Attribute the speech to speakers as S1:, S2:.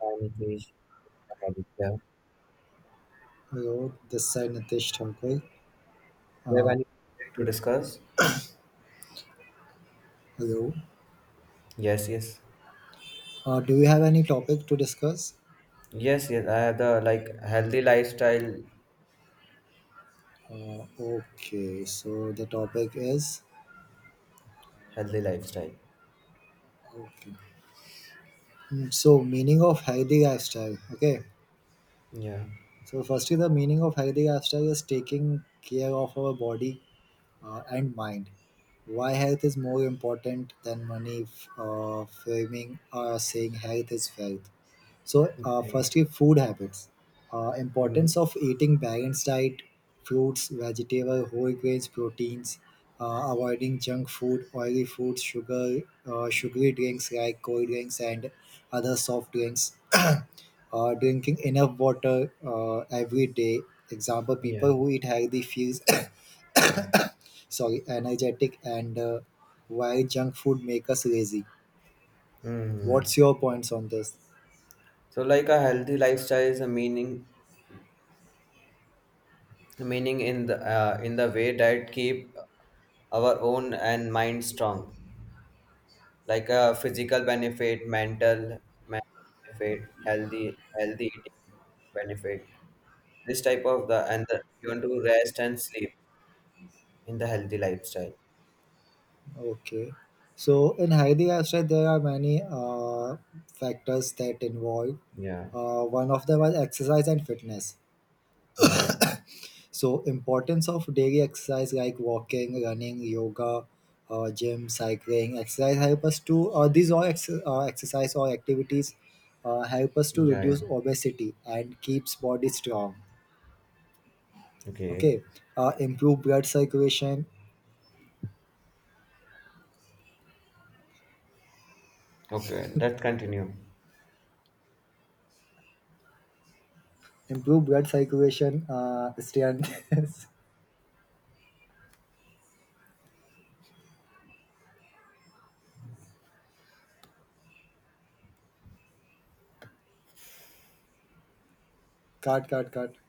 S1: I'm Nitish. I'm Aditya. Do
S2: Hello, this side Nitish Thakur.
S1: you have any topic to discuss?
S2: Hello.
S1: Yes, yes.
S2: Do we have any topic to discuss?
S1: Yes, yes. I have the like healthy lifestyle,
S2: Okay, so the topic is
S1: healthy lifestyle.
S2: okay. Mm, So meaning of healthy lifestyle. Okay.
S1: Yeah.
S2: So firstly, the meaning of healthy lifestyle is taking care of our body and mind. Why health is more important than money? Framing or saying health is wealth. So,
S1: Okay.
S2: firstly, food habits.
S1: Mm.
S2: Importance of eating balanced diet, fruits, vegetable, whole grains, proteins, avoiding junk food, oily foods, sugar, sugary drinks like cold drinks and other soft drinks. Drinking enough water every day. Example:
S1: Yeah.
S2: People who eat healthy feels sorry, energetic, and while junk food make us lazy.
S1: Mm.
S2: What's your points on this?
S1: So like a healthy lifestyle is a meaning in the way that keep our own and mind strong. Like a physical benefit, mental, mental benefit, healthy eating benefit. This type of the and the, you want to rest and sleep in the healthy lifestyle.
S2: Okay. So in Heidi Ashram, there are many factors that involve.
S1: Yeah.
S2: One of them is exercise and fitness.
S1: Mm.
S2: So importance of daily exercise like walking, running, yoga, gym, cycling, exercise help us to exercise or activities help us to
S1: Yeah,
S2: reduce
S1: yeah.
S2: obesity and keeps body strong.
S1: Okay.
S2: Okay. Improve blood circulation.
S1: Okay, let's continue.
S2: Improve blood circulation. Strength. Cut, cut, cut.